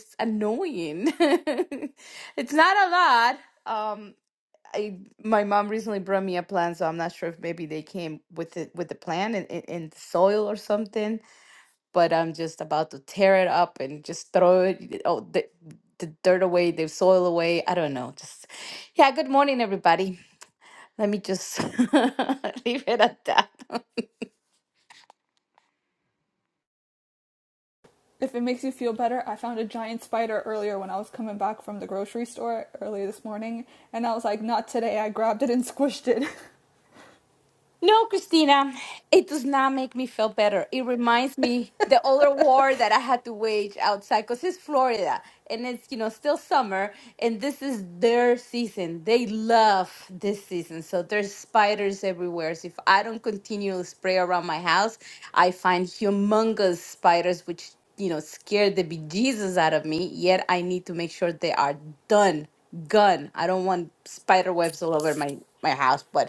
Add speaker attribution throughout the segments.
Speaker 1: it's annoying. it's not a lot. Um, I my mom recently brought me a plant, so I'm not sure if maybe they came with it with the plant in, in, in the soil or something. But I'm just about to tear it up and just throw it oh the the dirt away, the soil away. I don't know. Just yeah. Good morning, everybody. Let me just leave it at that.
Speaker 2: If it makes you feel better, I found a giant spider earlier when I was coming back from the grocery store earlier this morning, and I was like, not today. I grabbed it and squished it.
Speaker 1: No, Christina, it does not make me feel better. It reminds me the other war that I had to wage outside because it's Florida and it's, you know, still summer and this is their season. They love this season. So there's spiders everywhere. So if I don't continually spray around my house, I find humongous spiders, which, you know, scare the bejesus out of me. Yet I need to make sure they are done, gone. I don't want spider webs all over my, my house, but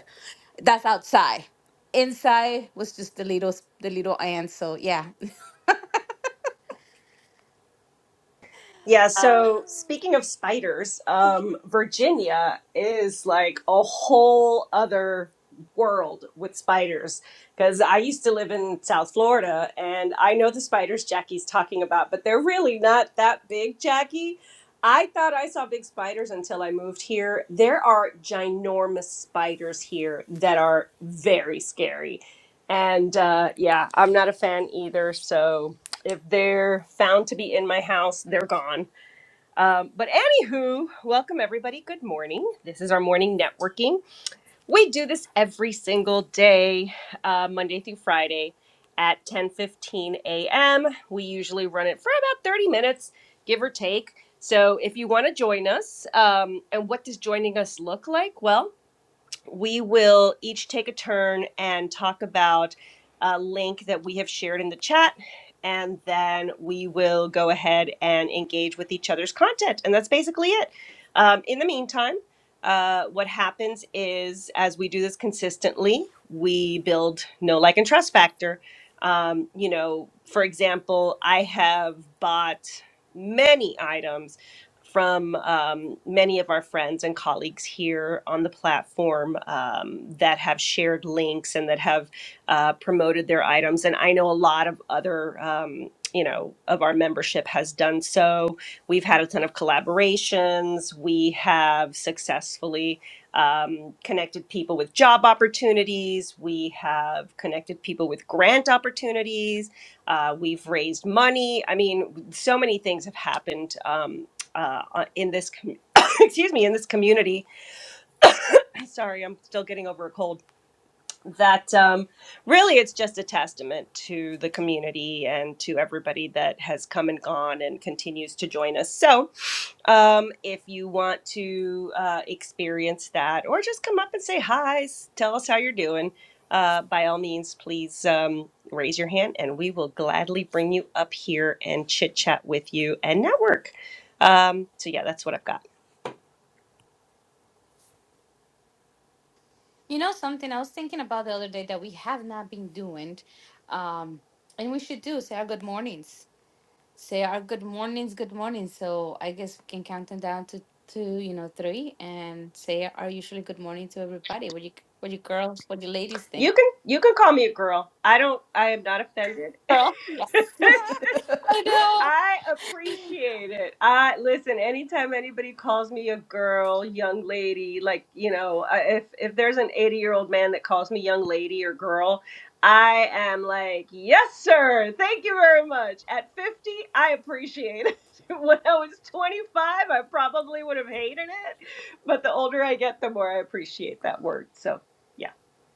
Speaker 1: that's outside. Inside was just the little the little ants. So yeah.
Speaker 3: Yeah,
Speaker 1: Uh,
Speaker 3: so speaking of spiders, um, Virginia is like a whole other world with spiders because I used to live in South Florida and I know the spiders Jackie's talking about, but they're really not that big, Jackie. I thought I saw big spiders until I moved here. There are ginormous spiders here that are very scary. And uh, yeah, I'm not a fan either. So if they're found to be in my house, they're gone. Um, but anywho, welcome everybody. Good morning. This is our morning networking. We do this every single day, uh, Monday through Friday at 10:15 a.m. We usually run it for about 30 minutes, give or take. So if you want to join us, um, and what does joining us look like? Well, we will each take a turn and talk about a link that we have shared in the chat. And then we will go ahead and engage with each other's content. And that's basically it. Um, in the meantime, uh, what happens is as we do this consistently, we build know, like, and trust factor. Um, you know, for example, I have bought many items from um, many of our friends and colleagues here on the platform um, that have shared links and that have uh, promoted their items. And I know a lot of other, um, you know, of our membership has done so. We've had a ton of collaborations. We have successfully um, connected people with job opportunities. We have connected people with grant opportunities. Uh, we've raised money. I mean, so many things have happened. Um, uh, uh, in this com- excuse me in this community. Sorry, I'm still getting over a cold that um, really it's just a testament to the community and to everybody that has come and gone and continues to join us. So, um, if you want to uh, experience that or just come up and say hi, s- tell us how you're doing, uh, by all means, please um, raise your hand and we will gladly bring you up here and chit chat with you and network. Um, so, yeah, that's what I've got.
Speaker 1: You know something I was thinking about the other day that we have not been doing, um, and we should do say our good mornings. Say our good mornings, good morning. So I guess we can count them down to two, you know, three, and say our usually good morning to everybody. What do you what do you girls, what do you ladies
Speaker 3: You
Speaker 1: think?
Speaker 3: can you can call me a girl. I don't I am not offended.
Speaker 1: Girl, yes. I know.
Speaker 3: I appreciate it. I listen, anytime anybody calls me a girl, young lady, like, you know, I- if if there's an 80-year-old man that calls me young lady or girl, I am like, "Yes, sir. Thank you very much." At 50, I appreciate it. When I was 25, I probably would have hated it, but the older I get, the more I appreciate that word. So, yeah.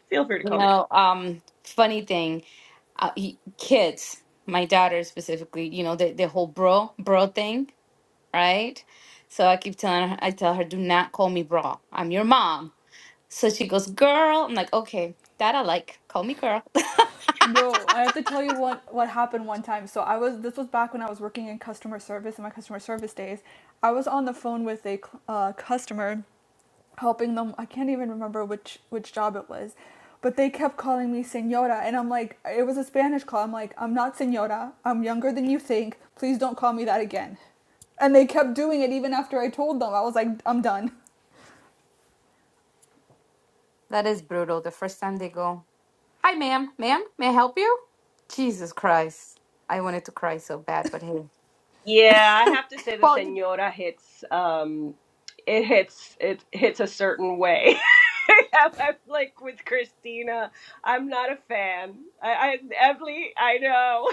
Speaker 3: Feel free to
Speaker 1: You
Speaker 3: call me.
Speaker 1: know, um, funny thing, uh, y- kids, my daughter specifically, you know, the, the whole bro, bro thing, right? So I keep telling her, I tell her, do not call me bro. I'm your mom. So she goes, girl. I'm like, okay, that I like. Call me girl.
Speaker 2: No, I have to tell you what what happened one time. So I was this was back when I was working in customer service in my customer service days. I was on the phone with a cl- uh, customer, helping them. I can't even remember which which job it was, but they kept calling me señora, and I'm like, it was a Spanish call. I'm like, I'm not señora. I'm younger than you think. Please don't call me that again. And they kept doing it even after I told them. I was like, I'm done.
Speaker 1: That is brutal. The first time they go, hi, ma'am, ma'am, may I help you? Jesus Christ. I wanted to cry so bad, but hey.
Speaker 3: Yeah, I have to say the
Speaker 1: Well,
Speaker 3: senora hits um it hits it hits a certain way. I'm like with Christina, I'm not a fan. I, I Evely, I know.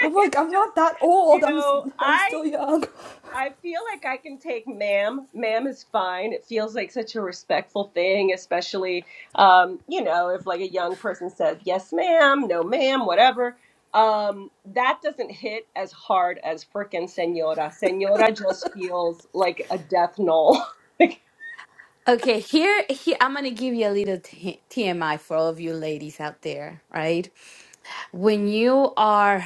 Speaker 2: I'm like,
Speaker 3: it's
Speaker 2: I'm
Speaker 3: just
Speaker 2: not that old.
Speaker 3: you
Speaker 2: I'm s-
Speaker 3: know,
Speaker 2: I'm
Speaker 3: I
Speaker 2: still young.
Speaker 3: I feel like I can take ma'am. Ma'am is fine. It feels like such a respectful thing, especially, um, you know, if like a young person says, yes, ma'am, no, ma'am, whatever. Um, that doesn't hit as hard as frickin' senora. Senora just feels like a death knell. Like,
Speaker 1: okay, here, here I'm gonna give you a little t- TMI for all of you ladies out there, right? when you are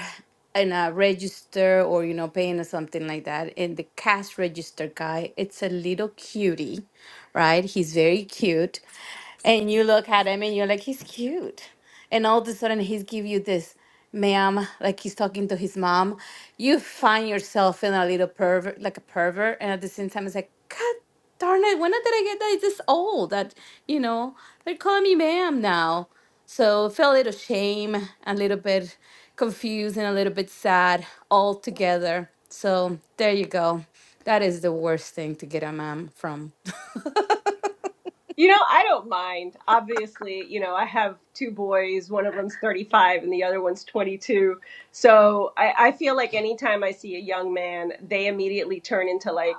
Speaker 1: in a register or you know paying or something like that in the cash register guy it's a little cutie right he's very cute and you look at him and you're like he's cute and all of a sudden he's give you this ma'am like he's talking to his mom you find yourself feeling a little pervert like a pervert and at the same time it's like god darn it when did i get that It's this old that you know they're calling me ma'am now so feel a little shame a little bit confused and a little bit sad all together so there you go that is the worst thing to get a ma'am from
Speaker 3: You know, I don't mind. Obviously, you know, I have two boys. One of them's 35 and the other one's 22. So I, I feel like anytime I see a young man, they immediately turn into like,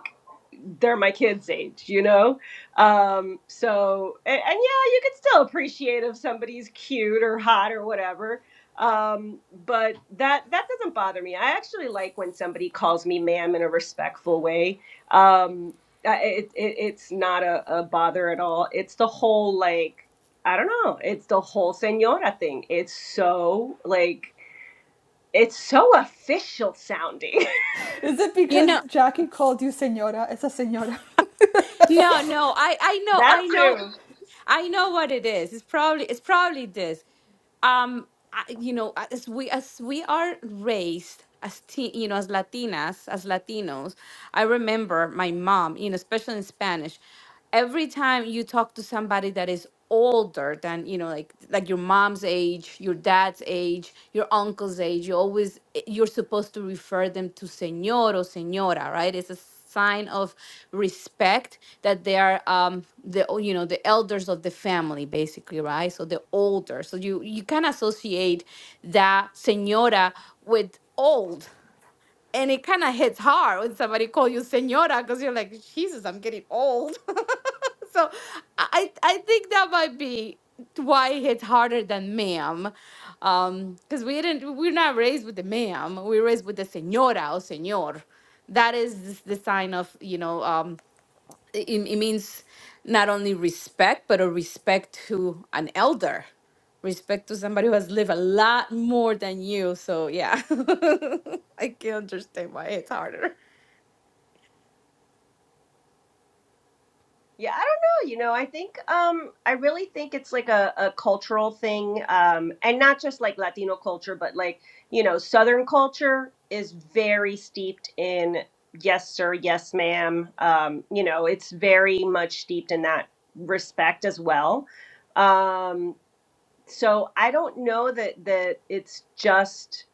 Speaker 3: they're my kids' age, you know? Um, so, and, and yeah, you can still appreciate if somebody's cute or hot or whatever. Um, but that that doesn't bother me. I actually like when somebody calls me ma'am in a respectful way. Um, I- it, it it's not a, a bother at all. It's the whole like I don't know. It's the whole senora thing. It's so like it's so official sounding.
Speaker 2: Is it
Speaker 1: You
Speaker 2: because
Speaker 1: know,
Speaker 2: Jackie called you senora? It's a senora.
Speaker 1: no, no, I, I know,
Speaker 3: that
Speaker 1: I know,
Speaker 3: too.
Speaker 1: I know what it is. It's probably, it's probably this. um I- you know as we as we are raised as teen, you know as latinas as latinos i remember my mom you know especially in spanish every time you talk to somebody that is older than you know like like your mom's age your dad's age your uncle's age you always eh, you're supposed to refer them to señor or señora right it's a sign of respect that they are um the o- you know the elders of the family basically right so the older so you you can associate that señora with old and it kind of hits hard when somebody call you señora because you're like jesus i'm getting old so i i think that might be why it hits harder than ma'am um because we didn't we're not raised with the ma'am we're raised with the señora or señor that is the the sign of you know um it, it means not only respect but a respect to an elder respect to somebody who has lived a lot more than you so yeah i can understand why it's harder
Speaker 3: Yeah, I don't know. You know, I think um I really think it's like a, a cultural thing, um, and not just like Latino culture, but like, you know, Southern culture is very steeped in yes, sir, yes, ma'am. Um, you know, it's very much steeped in that respect as well. Um, so I don't know that that it's just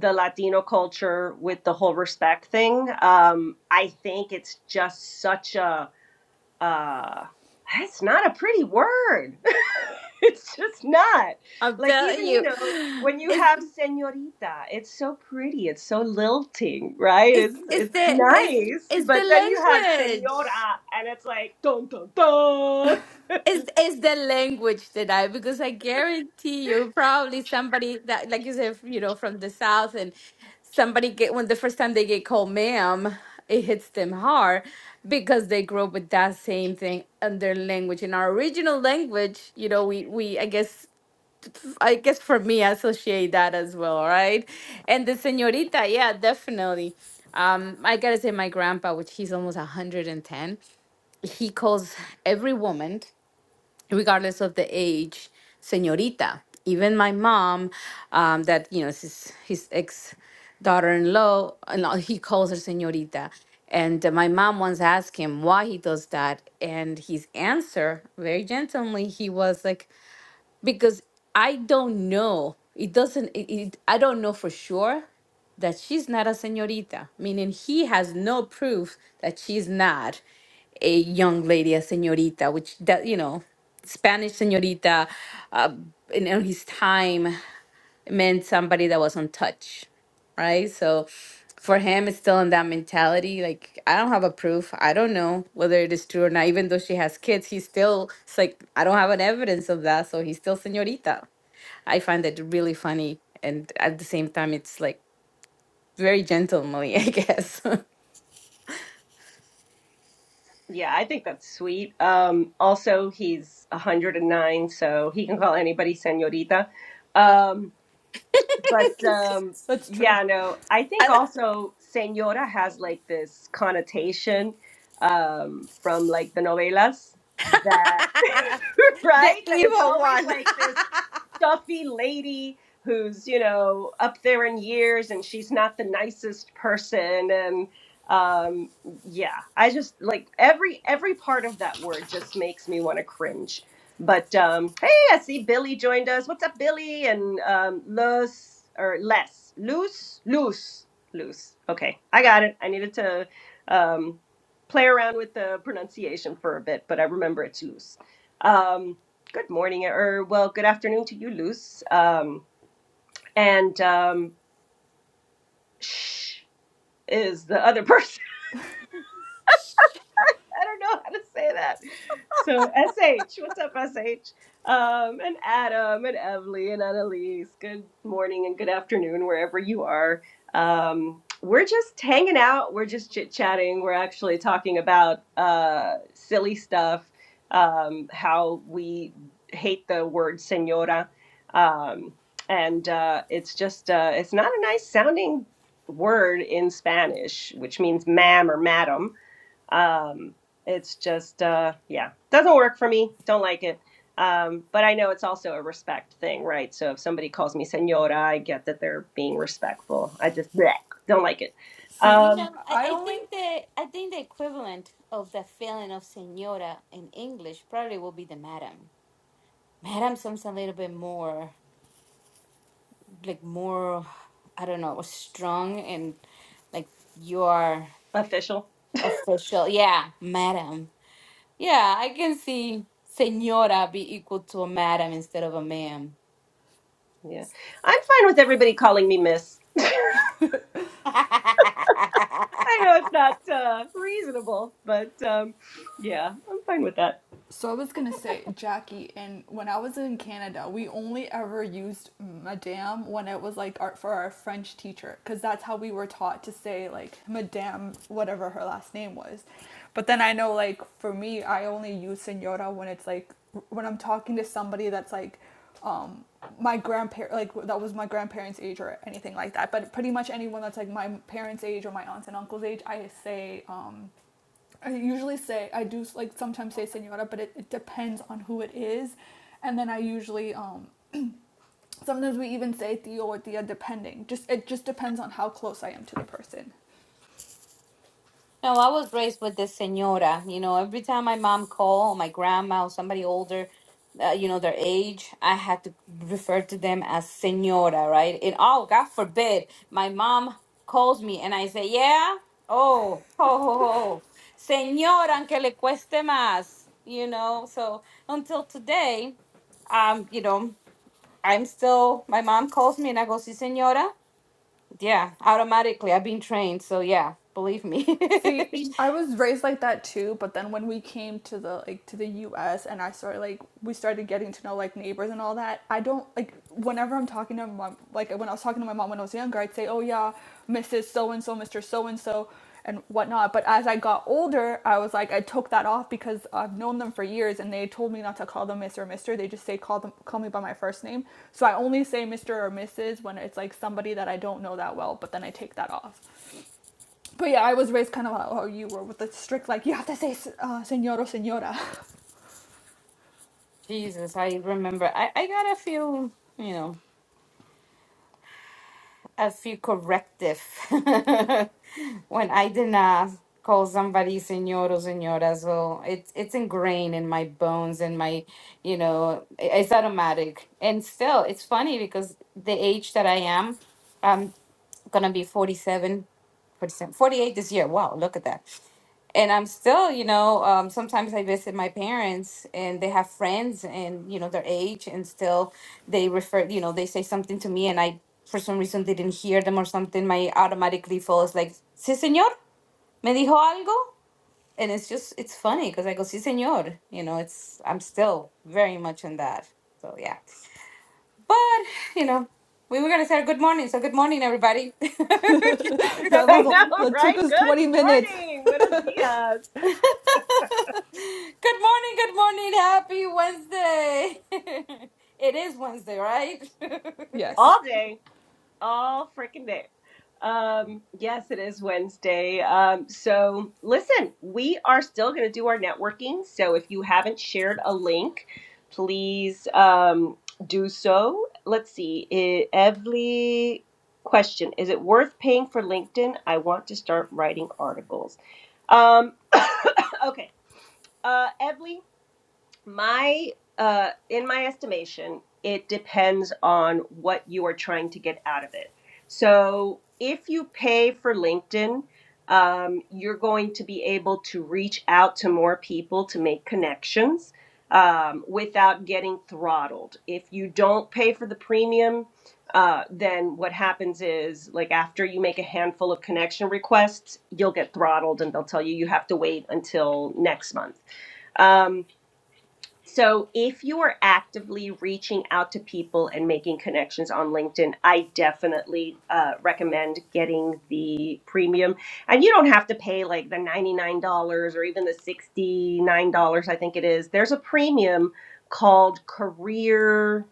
Speaker 3: the Latino culture with the whole respect thing. Um, I think it's just such a uh that's not a pretty word. it's just not.
Speaker 1: i'm
Speaker 3: Like
Speaker 1: telling
Speaker 3: even, you
Speaker 1: you
Speaker 3: know, when you
Speaker 1: it's
Speaker 3: have señorita, it's so pretty, it's so lilting, right?
Speaker 1: it's
Speaker 3: It's
Speaker 1: it's
Speaker 3: it's
Speaker 1: the it's
Speaker 3: nice,
Speaker 1: it's the
Speaker 3: but then you have
Speaker 1: language
Speaker 3: señora and it's like dun dun dun.
Speaker 1: It's, it's the language today because I guarantee you, probably somebody that, like you said, you know, from the South, and somebody get when the first time they get called ma'am, it hits them hard because they grow up with that same thing in their language. In our original language, you know, we we I guess I guess for me, I associate that as well, right? And the señorita, yeah, definitely. Um, I gotta say, my grandpa, which he's almost 110, he calls every woman regardless of the age, señorita. Even my mom, um, that you know, is his, his ex daughter-in-law, and all- he calls her señorita. And uh, my mom once asked him why he does that, and his answer, very gently, he was like, "Because I don't know. It doesn't. It, it, I don't know for sure that she's not a señorita. Meaning he has no proof that she's not a young lady, a señorita, which that you know, Spanish señorita, uh, in, in his time meant somebody that was untouched, right? So for him, it's still in that mentality. Like I don't have a proof. I don't know whether it is true or not. Even though she has kids, he's still it's like I don't have an evidence of that, so he's still señorita. I find that really funny, and at the same time, it's like very gentlemanly, I guess.
Speaker 3: Yeah, I think that's sweet. Um also he's 109, so he can call anybody señorita. Um But um,
Speaker 2: That's true.
Speaker 3: yeah, no, I think
Speaker 1: I-
Speaker 3: also señora has like this connotation um, from like the novelas that,
Speaker 1: The
Speaker 3: right? That it's
Speaker 1: evil
Speaker 3: always
Speaker 1: one.
Speaker 3: like this stuffy lady who's you know up there in years and she's not the nicest person and um yeah i just like every every part of that word just makes me want to cringe but um hey i see billy joined us what's up billy and um los or less loose loose loose okay i got it i needed to um play around with the pronunciation for a bit but i remember it's loose Um, Good morning, or well, good afternoon to you, Luz. Um, and um, Sh is the other person. I don't know how to say that. So SH, what's up, SH? Um, and Adam and Evely and Annalise, good morning and good afternoon, wherever you are. Um, we're just hanging out, we're just chit chatting, we're actually talking about uh, silly stuff, um, how we hate the word senora. Um, and uh, it's just, uh, it's not a nice sounding word in Spanish, which means ma'am or madam. Um, it's just, uh, yeah, doesn't work for me. Don't like it. Um, but I know it's also a respect thing, right? So if somebody calls me senora, I get that they're being respectful. I just bleh, don't like it.
Speaker 2: See,
Speaker 1: You know,
Speaker 3: Um,
Speaker 1: I,
Speaker 2: I
Speaker 1: I
Speaker 2: only
Speaker 1: think the I think the equivalent of the feeling of señora in English probably will be the madam. Madam sounds a little bit more like more I don't know, strong and like you are
Speaker 3: official.
Speaker 1: official. Yeah, madam. Yeah, I can see señora be equal to a madam instead of a ma'am.
Speaker 3: Yeah. I'm fine with everybody calling me miss. I know it's not uh, reasonable, but um, yeah, I'm fine with that.
Speaker 2: So I was gonna say, Jackie, and when I was in Canada, we only ever used madame when it was like our, for our French teacher, because that's how we were taught to say like madame, whatever her last name was. But then I know, like for me, I only use senora when it's like when I'm talking to somebody that's like um, my grandparent, like that was my grandparents' age or anything like that. But pretty much anyone that's like my parents' age or my aunts and uncles' age, I say um, I usually say I do like sometimes say senora, but it, it depends on who it is, and then I usually um sometimes we even say tío or tía depending. Just it just depends on how close I am to the person.
Speaker 1: No, I was raised with this señora. You know, every time my mom called, my grandma or somebody older, uh, you know, their age, I had to refer to them as señora, right? And oh, God forbid, my mom calls me and I say, yeah, oh, ho, ho, ho, señora, aunque le cueste más, you know? So until today, um, you know, I'm still, my mom calls me and I go, sí, señora. Yeah, automatically. I've been trained. So yeah, believe me.
Speaker 2: See, I was raised like that too, but then when we came to the like to the US and I started like we started getting to know like neighbors and all that, I don't like whenever I'm talking to my mom like when I was talking to my mom when I was younger, I'd say, Oh yeah, Mrs. So and so, Mr. So and so and whatnot. But as I got older, I was like I took that off because I've known them for years and they told me not to call them Mr. or Mr. They just say call them call me by my first name. So I only say Mr. or Mrs. when it's like somebody that I don't know that well, but then I take that off. But yeah, I was raised kind of how how you were with the strict, like, you have to say uh, senor or senora.
Speaker 1: Jesus, I remember. I, I got a few, you know, a few corrective when I did not call somebody señor or señora. So it's it's ingrained in my bones and my, you know, i- it's automatic. And still, it's funny because the age that I am. um, gonna be 47, 47, 48 this year. Wow, look at that. And I'm still, you know, um, sometimes I visit my parents and they have friends and, you know, their age and still they refer, you know, they say something to me and I, for some reason, didn't hear them or something. My automatic default is like, sí, señor, me dijo algo. And it's just, it's funny because I go, sí, señor. You know, it's, I'm still very much in that. So, yeah. But you know, we were gonna say good morning, so good morning, everybody.
Speaker 2: That
Speaker 1: That's
Speaker 3: I
Speaker 2: was,
Speaker 1: how.
Speaker 2: a,
Speaker 3: know,
Speaker 1: we.
Speaker 2: that took
Speaker 3: right?
Speaker 2: us
Speaker 3: Good
Speaker 2: 20 minutes.
Speaker 3: morning. Buenos dias.
Speaker 1: good morning, good morning, happy Wednesday. it is Wednesday, right?
Speaker 2: Yes,
Speaker 3: All day. all freaking day. Um, yes, it is Wednesday. Um, so listen, we are still going to do our networking. So if you haven't shared a link, please um, do so. Let's see. eh, Every question is it worth paying for LinkedIn? I want to start writing articles. Um, okay. Uh, Evely, my uh in my estimation it depends on what you are trying to get out of it so if you pay for linkedin um, you're going to be able to reach out to more people to make connections um, without getting throttled if you don't pay for the premium uh, then what happens is like after you make a handful of connection requests you'll get throttled and they'll tell you you have to wait until next month um, so, if you are actively reaching out to people and making connections on LinkedIn, I definitely uh, recommend getting the premium. And you don't have to pay like the $99 or even the $69, I think it is. There's a premium called Career.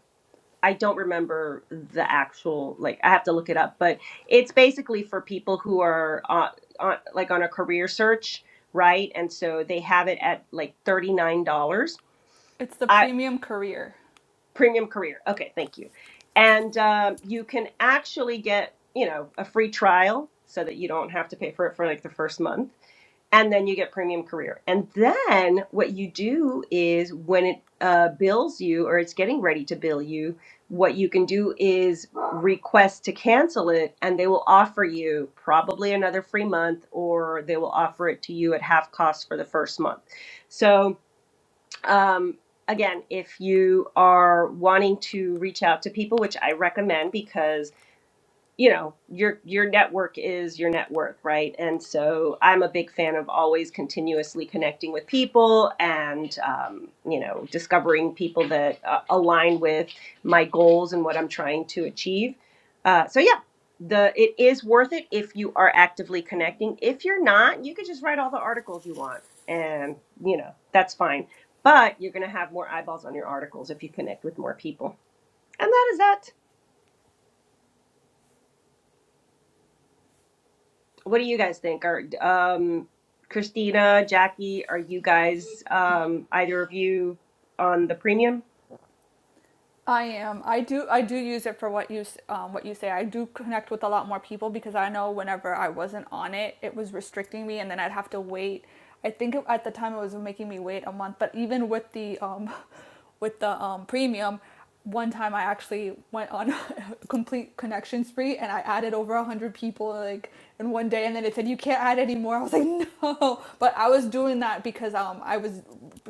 Speaker 3: I don't remember the actual, like, I have to look it up, but it's basically for people who are on, on, like on a career search, right? And so they have it at like $39.
Speaker 2: it's the premium career.
Speaker 3: Premium Career. Okay, thank you. And um, you can actually get, you know, a free trial so that you don't have to pay for it for like the first month. And then you get Premium Career. And then what you do is when it uh, bills you or it's getting ready to bill you, what you can do is request to cancel it and they will offer you probably another free month or they will offer it to you at half cost for the first month. So, um, again, if you are wanting to reach out to people, which I recommend because you know your your network is your net worth right and so i'm a big fan of always continuously connecting with people and um, you know discovering people that uh, align with my goals and what i'm trying to achieve uh, so yeah the it is worth it if you are actively connecting if you're not you could just write all the articles you want and you know that's fine but you're going to have more eyeballs on your articles if you connect with more people and that is that what do you guys think? Are um, Christina, Jackie, are you guys um, either of you on the premium?
Speaker 2: I am. I do. I do use it for what you s- um, what you say. I do connect with a lot more people because I know whenever I wasn't on it, it was restricting me, and then I'd have to wait. I think at the time it was making me wait a month. But even with the um, with the um, premium, one time I actually went on a complete connection spree and I added over a hundred people like in one day, and then it said you can't add anymore. I was like, no. But I was doing that because um, I was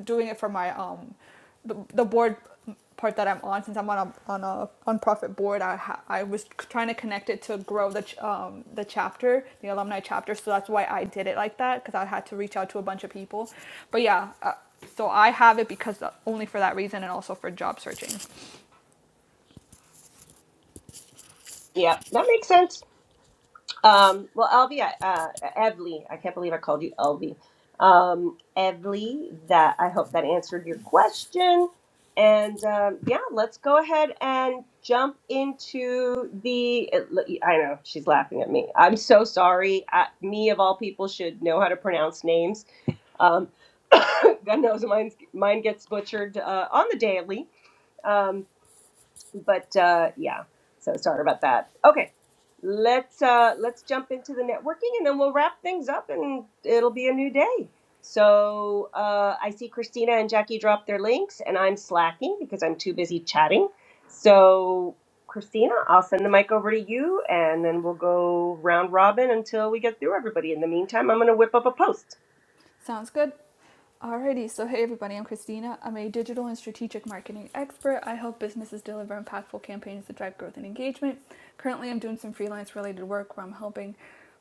Speaker 2: doing it for my um the, the board part that I'm on, since I'm on a on a nonprofit board, I ha- I was trying to connect it to grow the ch- um the chapter, the alumni chapter. So that's why I did it like that because I had to reach out to a bunch of people. But yeah, uh, so I have it because uh, only for that reason and also for job searching.
Speaker 3: Yeah, that makes sense. Um, well, Elvie, I- uh, Evely, I can't believe I called you Elvie. Um, Evely, that I hope that answered your question. And um, yeah, let's go ahead and jump into the. I know she's laughing at me. I'm so sorry. I, me of all people should know how to pronounce names. Um, God knows mine mine gets butchered uh, on the daily. Um, but uh, yeah, so sorry about that. Okay, let's uh, let's jump into the networking, and then we'll wrap things up, and it'll be a new day. So uh, I see Christina and Jackie drop their links, and I'm slacking because I'm too busy chatting. So Christina, I'll send the mic over to you and then we'll go round robin until we get through everybody. In the meantime, I'm going to whip up a post.
Speaker 2: Sounds good. Alrighty, so hey everybody, I'm Christina. I'm a digital and strategic marketing expert. I help businesses deliver impactful campaigns that drive growth and engagement. Currently, I'm doing some freelance related work where I'm helping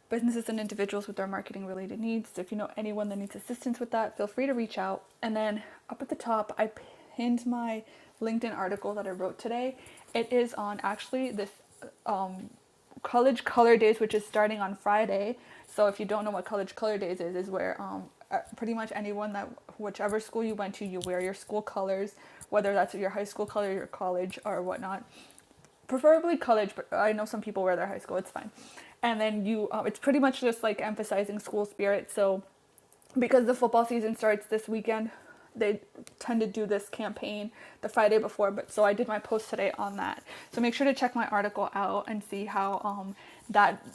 Speaker 2: businesses and individuals with their marketing related needs. So if you know anyone that needs assistance with that, feel free to reach out. And then up at the top, I pinned my LinkedIn article that I wrote today. It is on actually this um, college color days which is starting on friday so if you don't know what college color days is is where um, uh, pretty much anyone that whichever school you went to you wear your school colors whether that's your high school color your college or whatnot preferably college but i know some people wear their high school it's fine and then you um, it's pretty much just like emphasizing school spirit so because the football season starts this weekend, they tend to do this campaign the Friday before. But so I did my post today on that. So make sure to check my article out and see how um, that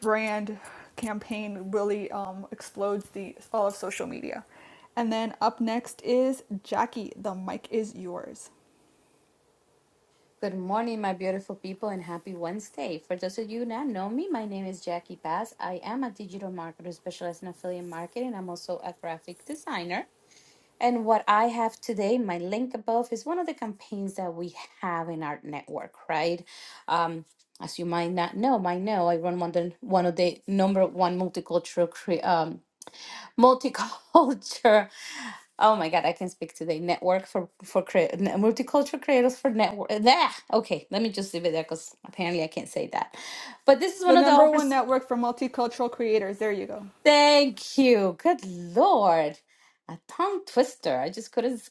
Speaker 2: brand campaign really um, explodes the all of social media. And then up next is Jackie. The mic is yours.
Speaker 1: good morning, my beautiful people, and happy Wednesday. For those of you not know me, my name is Jackie Bass. I am a digital marketer specialized in affiliate marketing. I'm also a graphic designer. And what I have today, my link above, is one of the campaigns that we have in our network, right? Um, as you might not know, might know, I run one of the, one of the number one multicultural cre- um, multicultural. Oh my God, I can speak today. Network for for cre- multicultural creators for network. There, okay, let me just leave it there because apparently I can't say that. But this is one
Speaker 2: The
Speaker 1: of the
Speaker 2: number one
Speaker 1: offers.
Speaker 2: network for multicultural creators. There you go.
Speaker 1: Thank you. Good Lord. A tongue twister. I just couldn't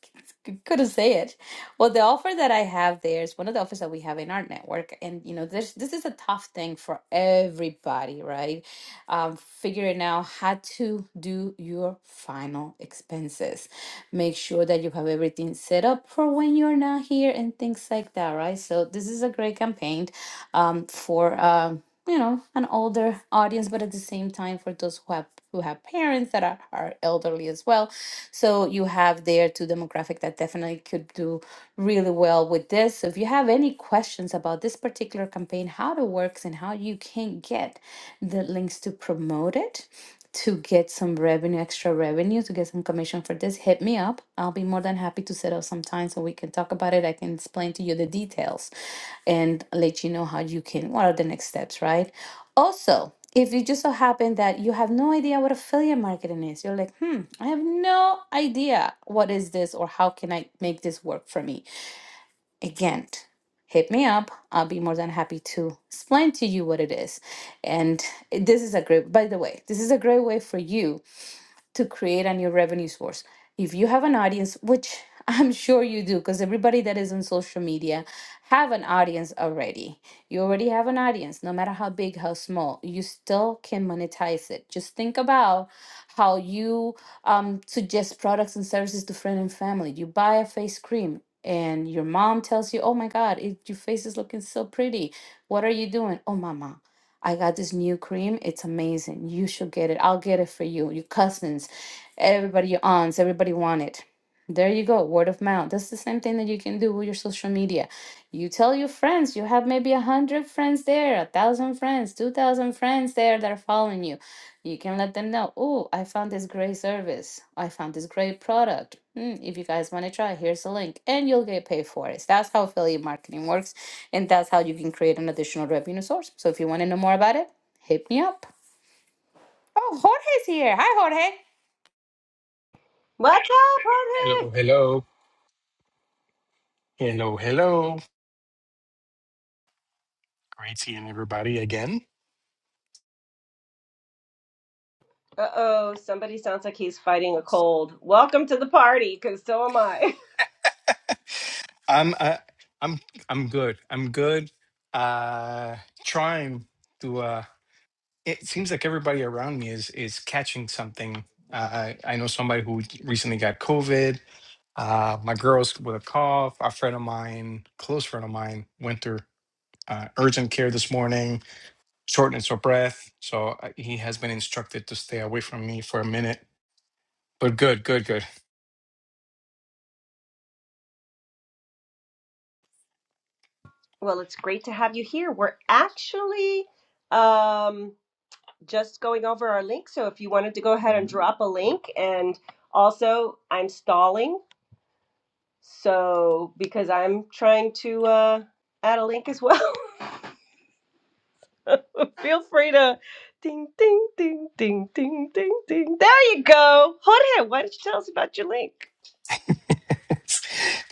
Speaker 1: couldn't say it. Well, the offer that I have there is one of the offers that we have in our network, and you know, this this is a tough thing for everybody, right? Um, figuring out how to do your final expenses. Make sure that you have everything set up for when you're not here and things like that, right? So this is a great campaign um, for um you know an older audience but at the same time for those who have who have parents that are, are elderly as well so you have there two demographic that definitely could do really well with this so if you have any questions about this particular campaign how it works and how you can get the links to promote it to get some revenue extra revenue to get some commission for this hit me up i'll be more than happy to set up some time so we can talk about it i can explain to you the details and let you know how you can what are the next steps right also if it just so happened that you have no idea what affiliate marketing is you're like hmm i have no idea what is this or how can i make this work for me again hit me up i'll be more than happy to explain to you what it is and this is a great by the way this is a great way for you to create a new revenue source. If you have an audience, which I'm sure you do, because everybody that is on social media have an audience already. You already have an audience, no matter how big, how small. You still can monetize it. Just think about how you um, suggest products and services to friend and family. You buy a face cream, and your mom tells you, "Oh my God, it, your face is looking so pretty. What are you doing? Oh, mama, I got this new cream. It's amazing. You should get it. I'll get it for you. Your cousins, everybody, your aunts, everybody want it. There you go. Word of mouth. That's the same thing that you can do with your social media. You tell your friends. You have maybe a hundred friends there, a thousand friends, two thousand friends there that are following you. You can let them know. Oh, I found this great service. I found this great product. Mm, if you guys want to try, here's a link, and you'll get paid for it. That's how affiliate marketing works and that's how you can create an additional revenue source. So if you want to know more about it, hit me up. Oh, Jorge's here. Hi, Jorge.
Speaker 3: What's up,
Speaker 4: Hello,
Speaker 3: party?
Speaker 4: hello, hello, hello. Great seeing everybody again.
Speaker 3: Uh oh, somebody sounds like he's fighting a cold. Welcome to the party, because so am I.
Speaker 4: I'm uh, I'm I'm good. I'm good. Uh trying to uh it seems like everybody around me is is catching something. Uh, I, I know somebody who recently got COVID. Uh my girl's with a cough. A friend of mine, close friend of mine, went through uh, urgent care this morning, shortness of breath. So uh, he has been instructed to stay away from me for a minute. But good, good, good.
Speaker 3: Well, it's great to have you here. We're actually um, just going over our link. So if you wanted to go ahead and Mhm. drop a link, and also I'm stalling, so because I'm trying to uh, add a link as well. Feel free to ding ding ding ding ding ding ding. There you go, Jorge. Why don't you tell us about your link?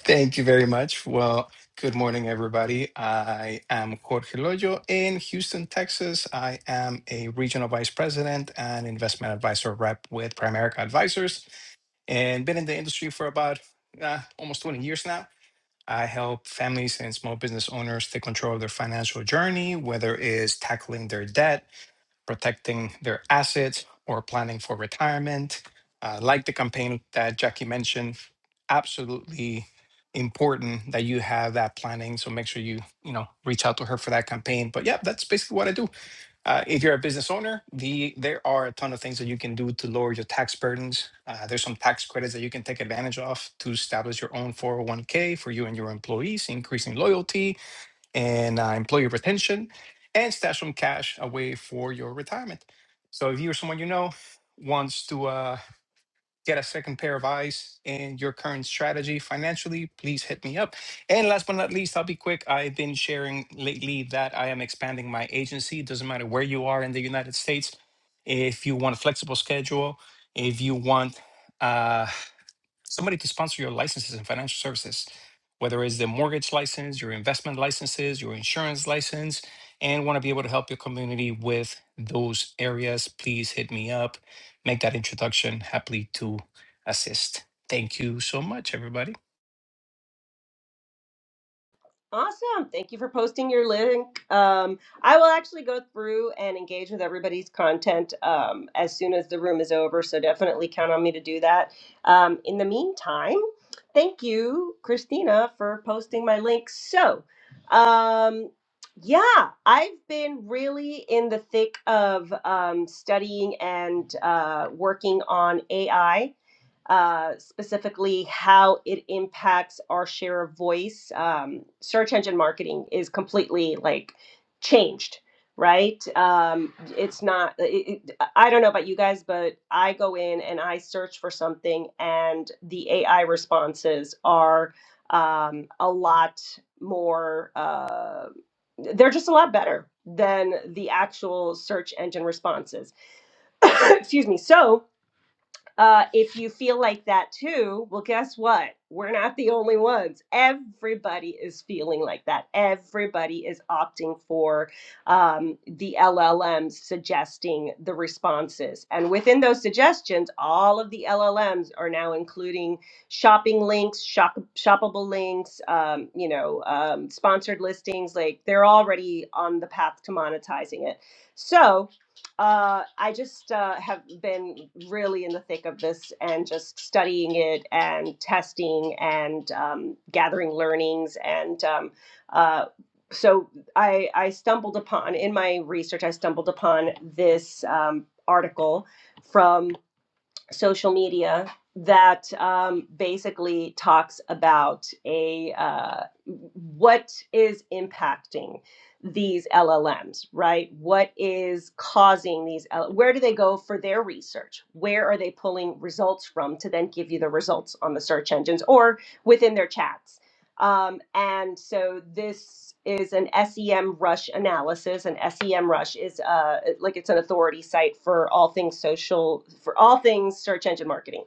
Speaker 4: Thank you very much. Well, good morning, everybody. I am Jorge Loyo in Houston, Texas. I am a regional vice president and investment advisor rep with Primerica Advisors and been in the industry for about uh, almost 20 years now. I help families and small business owners take control of their financial journey, whether it's tackling their debt protecting their assets or planning for retirement. Uh, like the campaign that Jackie mentioned, absolutely important that you have that planning. So make sure you you know reach out to her for that campaign. But yeah, that's basically what I do. Uh, if you're a business owner, the there are a ton of things that you can do to lower your tax burdens. Uh, there's some tax credits that you can take advantage of to establish your own 401k for you and your employees, increasing loyalty, and uh, employee retention and stash some cash away for your retirement. So if you or someone you know wants to uh, get a second pair of eyes in your current strategy financially, please hit me up. And last but not least, I'll be quick. I've been sharing lately that I am expanding my agency. It doesn't matter where you are in the United States. If you want a flexible schedule, if you want uh, somebody to sponsor your licenses and financial services, whether it's the mortgage license, your investment licenses, your insurance license, and want to be able to help your community with those areas, please hit me up. Make that introduction happily to assist. Thank you so much, everybody.
Speaker 3: Awesome. Thank you for posting your link. Um, I will actually go through and engage with everybody's content um, as soon as the room is over. So definitely count on me to do that. Um, in the meantime, thank you, Christina, for posting my link. So, um, yeah, I've been really in the thick of um, studying and uh, working on AI uh, specifically how it impacts our share of voice. Um, search engine marketing is completely like changed, right? Um, it's not, it, it, I don't know about you guys, but I go in and I search for something, and the AI responses are um, a lot more, uh, they're just a lot better than the actual search engine responses. Excuse me. So, uh, if you feel like that too, well, guess what? We're not the only ones. Everybody is feeling like that. Everybody is opting for um, the LLMs suggesting the responses. And within those suggestions, all of the LLMs are now including shopping links, shop, shoppable links, um, you know, um, sponsored listings. Like they're already on the path to monetizing it. So, uh, I just uh, have been really in the thick of this and just studying it and testing and um, gathering learnings and um, uh, so I, I stumbled upon in my research I stumbled upon this um, article from social media that um, basically talks about a uh, what is impacting these LLMs, right? What is causing these? where do they go for their research? Where are they pulling results from to then give you the results on the search engines or within their chats? Um, and so this is an SEM Rush analysis, and SEM Rush is uh, like it's an authority site for all things social, for all things search engine marketing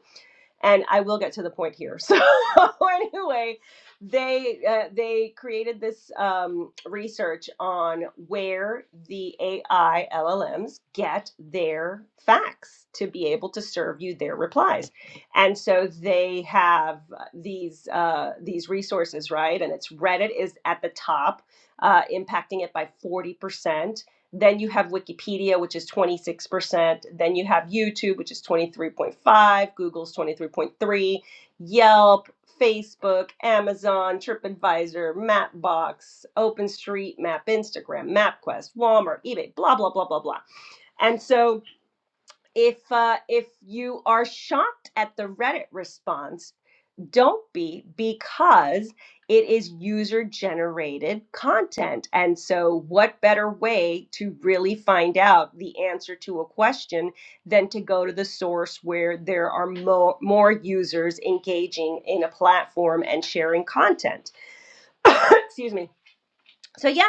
Speaker 3: and I will get to the point here. So anyway, they uh, they created this um, research on where the AI LLMs get their facts to be able to serve you their replies, and so they have uh, these uh, these resources right, and it's Reddit is at the top, uh, impacting it by forty percent. Then you have Wikipedia, which is 26%. Then you have YouTube, which is 23.5, Google's 23.3, Yelp, Facebook, Amazon, TripAdvisor, Mapbox, OpenStreetMap, Instagram, MapQuest, Walmart, eBay, blah blah blah blah blah. And so if uh, if you are shocked at the Reddit response don't be because it is user generated content. And so, what better way to really find out the answer to a question than to go to the source where there are mo- more users engaging in a platform and sharing content? Excuse me. So, yeah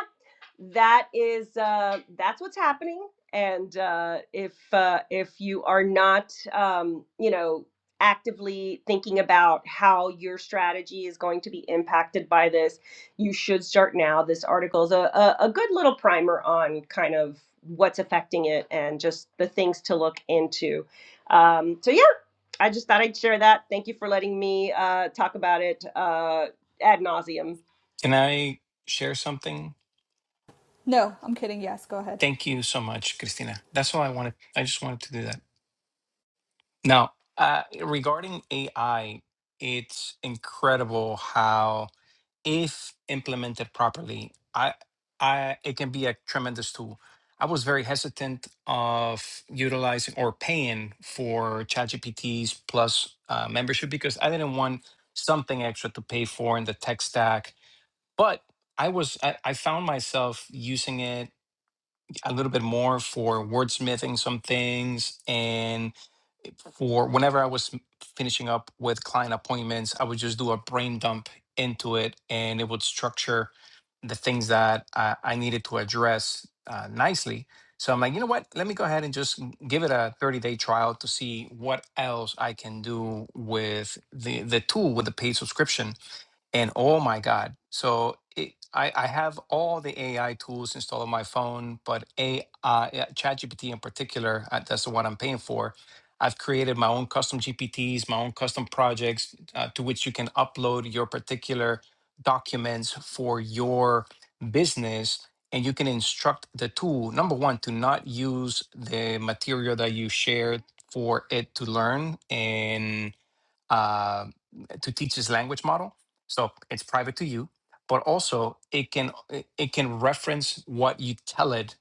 Speaker 3: that is uh, that's what's happening. And uh, if uh, if you are not, um, you know, actively thinking about how your strategy is going to be impacted by this, you should start now. This article is a, a, a good little primer on kind of what's affecting it and just the things to look into. Um, so yeah, I just thought I'd share that. Thank you for letting me uh, talk about it uh, ad nauseum.
Speaker 4: Can I share something?
Speaker 2: No, I'm kidding. Yes, go ahead.
Speaker 4: Thank you so much, Christina. That's all I wanted. I just wanted to do that. Now, uh, regarding AI, it's incredible how. if implemented properly, I, I, it can be a tremendous tool. I was very hesitant of utilizing or paying for ChatGPT's Plus uh, membership because I didn't want something extra to pay for in the tech stack. But I was, I, I found myself using it a little bit more for wordsmithing some things and for whenever I was finishing up with client appointments, I would just do a brain dump into it and it would structure the things that I, I needed to address uh, nicely. So I'm like, you know what? Let me go ahead and just give it a 30 day trial to see what else I can do with the, the tool with the paid subscription and oh my god so it, I, I have all the ai tools installed on my phone but a uh, yeah, chatgpt in particular uh, that's the one i'm paying for i've created my own custom gpts my own custom projects uh, to which you can upload your particular documents for your business and you can instruct the tool number one to not use the material that you shared for it to learn uh, to teach this language model. So it's private to you, but also it can it it can reference what you tell it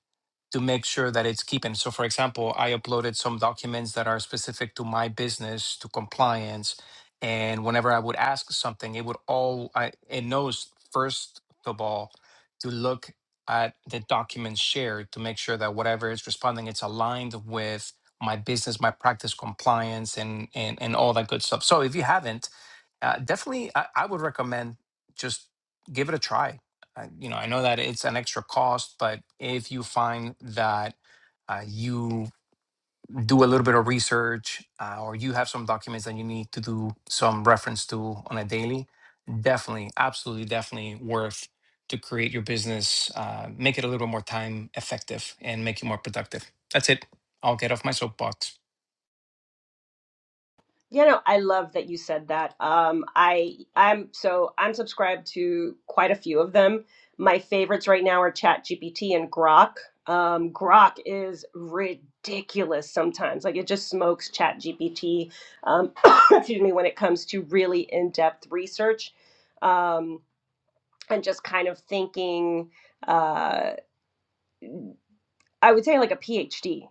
Speaker 4: to make sure that it's keeping. So, for example, I uploaded some documents that are specific to my business, to compliance, and whenever I would ask something, it would all I, it knows first of all to look at the documents shared to make sure that whatever it's responding, it's aligned with my business, my practice, compliance, and and and all that good stuff. So, if you haven't, uh, definitely, I, I would recommend just give it a try I- you know, I know that it's an extra cost, but if you find that uh, you do a little bit of research uh, or you have some documents that you need to do some reference to on a daily, definitely, absolutely, definitely worth to create your business, uh, make it a little more time effective and make you more productive. That's it. I'll get off my soapbox.
Speaker 3: You know, I love that you said that. Um, I I'm so I'm subscribed to quite a few of them. My favorites right now are ChatGPT and Grok. Um, Grok is ridiculous sometimes. Like it just smokes ChatGPT. Um, excuse me, when it comes to really in-depth research um, and just kind of thinking. uh, I would say like a PhD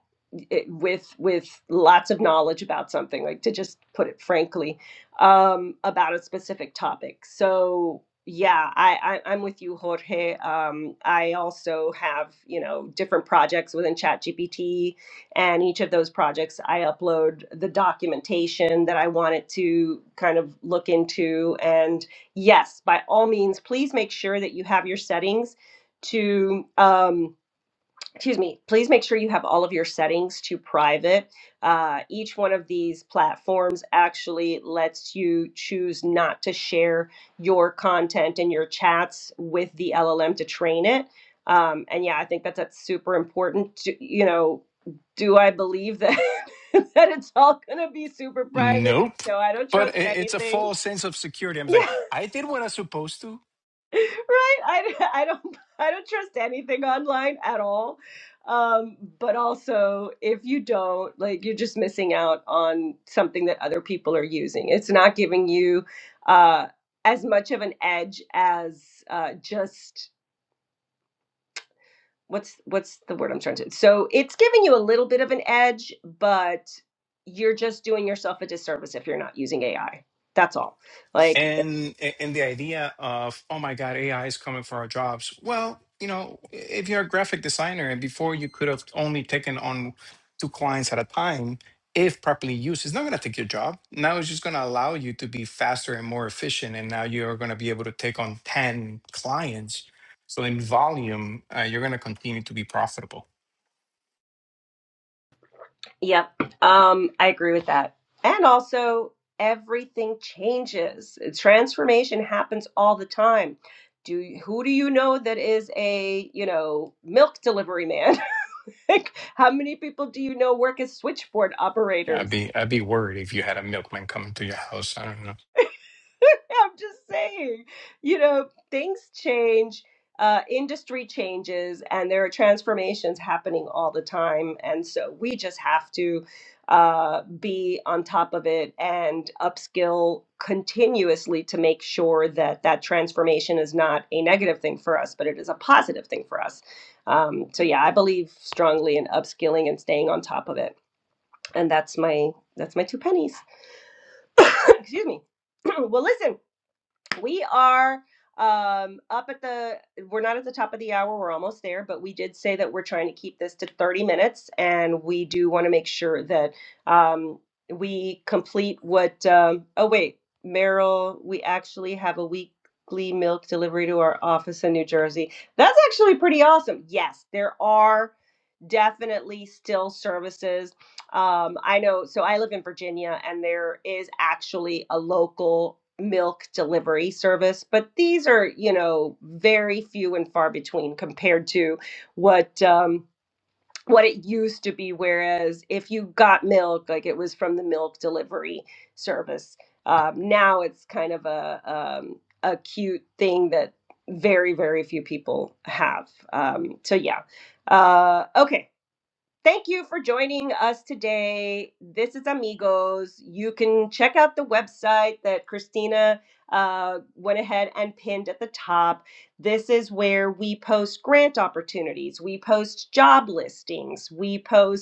Speaker 3: with with lots of knowledge about something, like to just put it frankly, um, about a specific topic. So yeah, I, I I'm with you, Jorge. Um, I also have you know different projects within ChatGPT, and each of those projects I upload the documentation that I want it to kind of look into. And yes, by all means, please make sure that you have your settings to. Um, excuse me, please make sure you have all of your settings to private. Uh, each one of these platforms actually lets you choose not to share your content and your chats with the LLM to train it. Um, and yeah, I think that that's super important. To, you know, do I believe that that it's all going to be super private?
Speaker 4: Nope.
Speaker 3: No, I don't
Speaker 4: But
Speaker 3: trust
Speaker 4: i- it's a
Speaker 3: anything.
Speaker 4: false sense of security. I'm like, I did what I was supposed to.
Speaker 3: right? I, I don't I don't trust anything online at all. Um, but also, if you don't, like, you're just missing out on something that other people are using. It's not giving you uh, as much of an edge as uh, just what's what's the word I'm trying to. So it's giving you a little bit of an edge, but you're just doing yourself a disservice if you're not using AI. That's all. Like
Speaker 4: and and the idea of oh my god ai is coming for our jobs well you know if you're a graphic designer and before you could have only taken on two clients at a time if properly used it's not going to take your job now it's just going to allow you to be faster and more efficient and now you're going to be able to take on 10 clients so in volume uh, you're going to continue to be profitable
Speaker 3: Yep. Um, I agree with that. And also, everything changes. Transformation happens all the time. Do you- who do you know that is a, you know, milk delivery man? Like, How many people do you know work as switchboard operators?
Speaker 4: i'd be i'd be worried if you had a milkman coming to your house i don't know
Speaker 3: I'm just saying, you know, things change, uh, industry changes, and there are transformations happening all the time. And so we just have to uh, be on top of it and upskill continuously to make sure that that transformation is not a negative thing for us, but it is a positive thing for us. Um, so yeah, I believe strongly in upskilling and staying on top of it. And that's my that's my two pennies. Excuse me. well, listen we are um up at the we're not at the top of the hour we're almost there but we did say that we're trying to keep this to 30 minutes and we do want to make sure that um we complete what um oh wait meryl we actually have a weekly milk delivery to our office in new jersey that's actually pretty awesome yes there are definitely still services. Um, I know, so I live in Virginia, and there is actually a local milk delivery service, but these are, you know, very few and far between compared to what. Um, what it used to be, whereas if you got milk, like it was from the milk delivery service. Um, now it's kind of a um, a cute thing that very very few people have. Um, so yeah, uh, okay. Thank you for joining us today. This is Amigos. You can check out the website that Christina uh, went ahead and pinned at the top. This is where we post grant opportunities, we post job listings, we post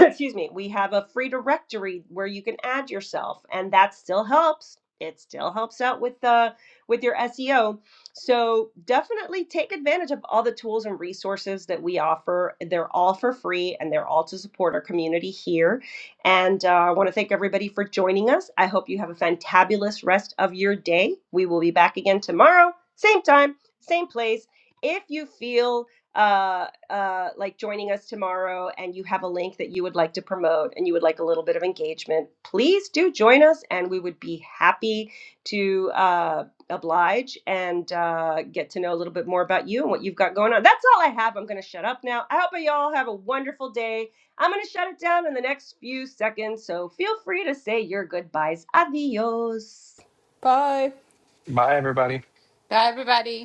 Speaker 3: excuse me, we have a free directory where you can add yourself, and that still helps. It still helps out with the with your SEO. So definitely take advantage of all the tools and resources that we offer. They're all for free, and they're all to support our community here. And uh, I want to thank everybody for joining us. I hope you have a fantabulous rest of your day. We will be back again tomorrow, same time, same place. If you feel uh, uh, like joining us tomorrow and you have a link that you would like to promote and you would like a little bit of engagement, please do join us and we would be happy to uh, oblige and uh, get to know a little bit more about you and what you've got going on. That's all I have. I'm going to shut up now. I hope you all have a wonderful day. I'm going to shut it down in the next few seconds. So feel free to say your goodbyes. Adios.
Speaker 2: Bye.
Speaker 4: bye everybody
Speaker 1: Hi, everybody.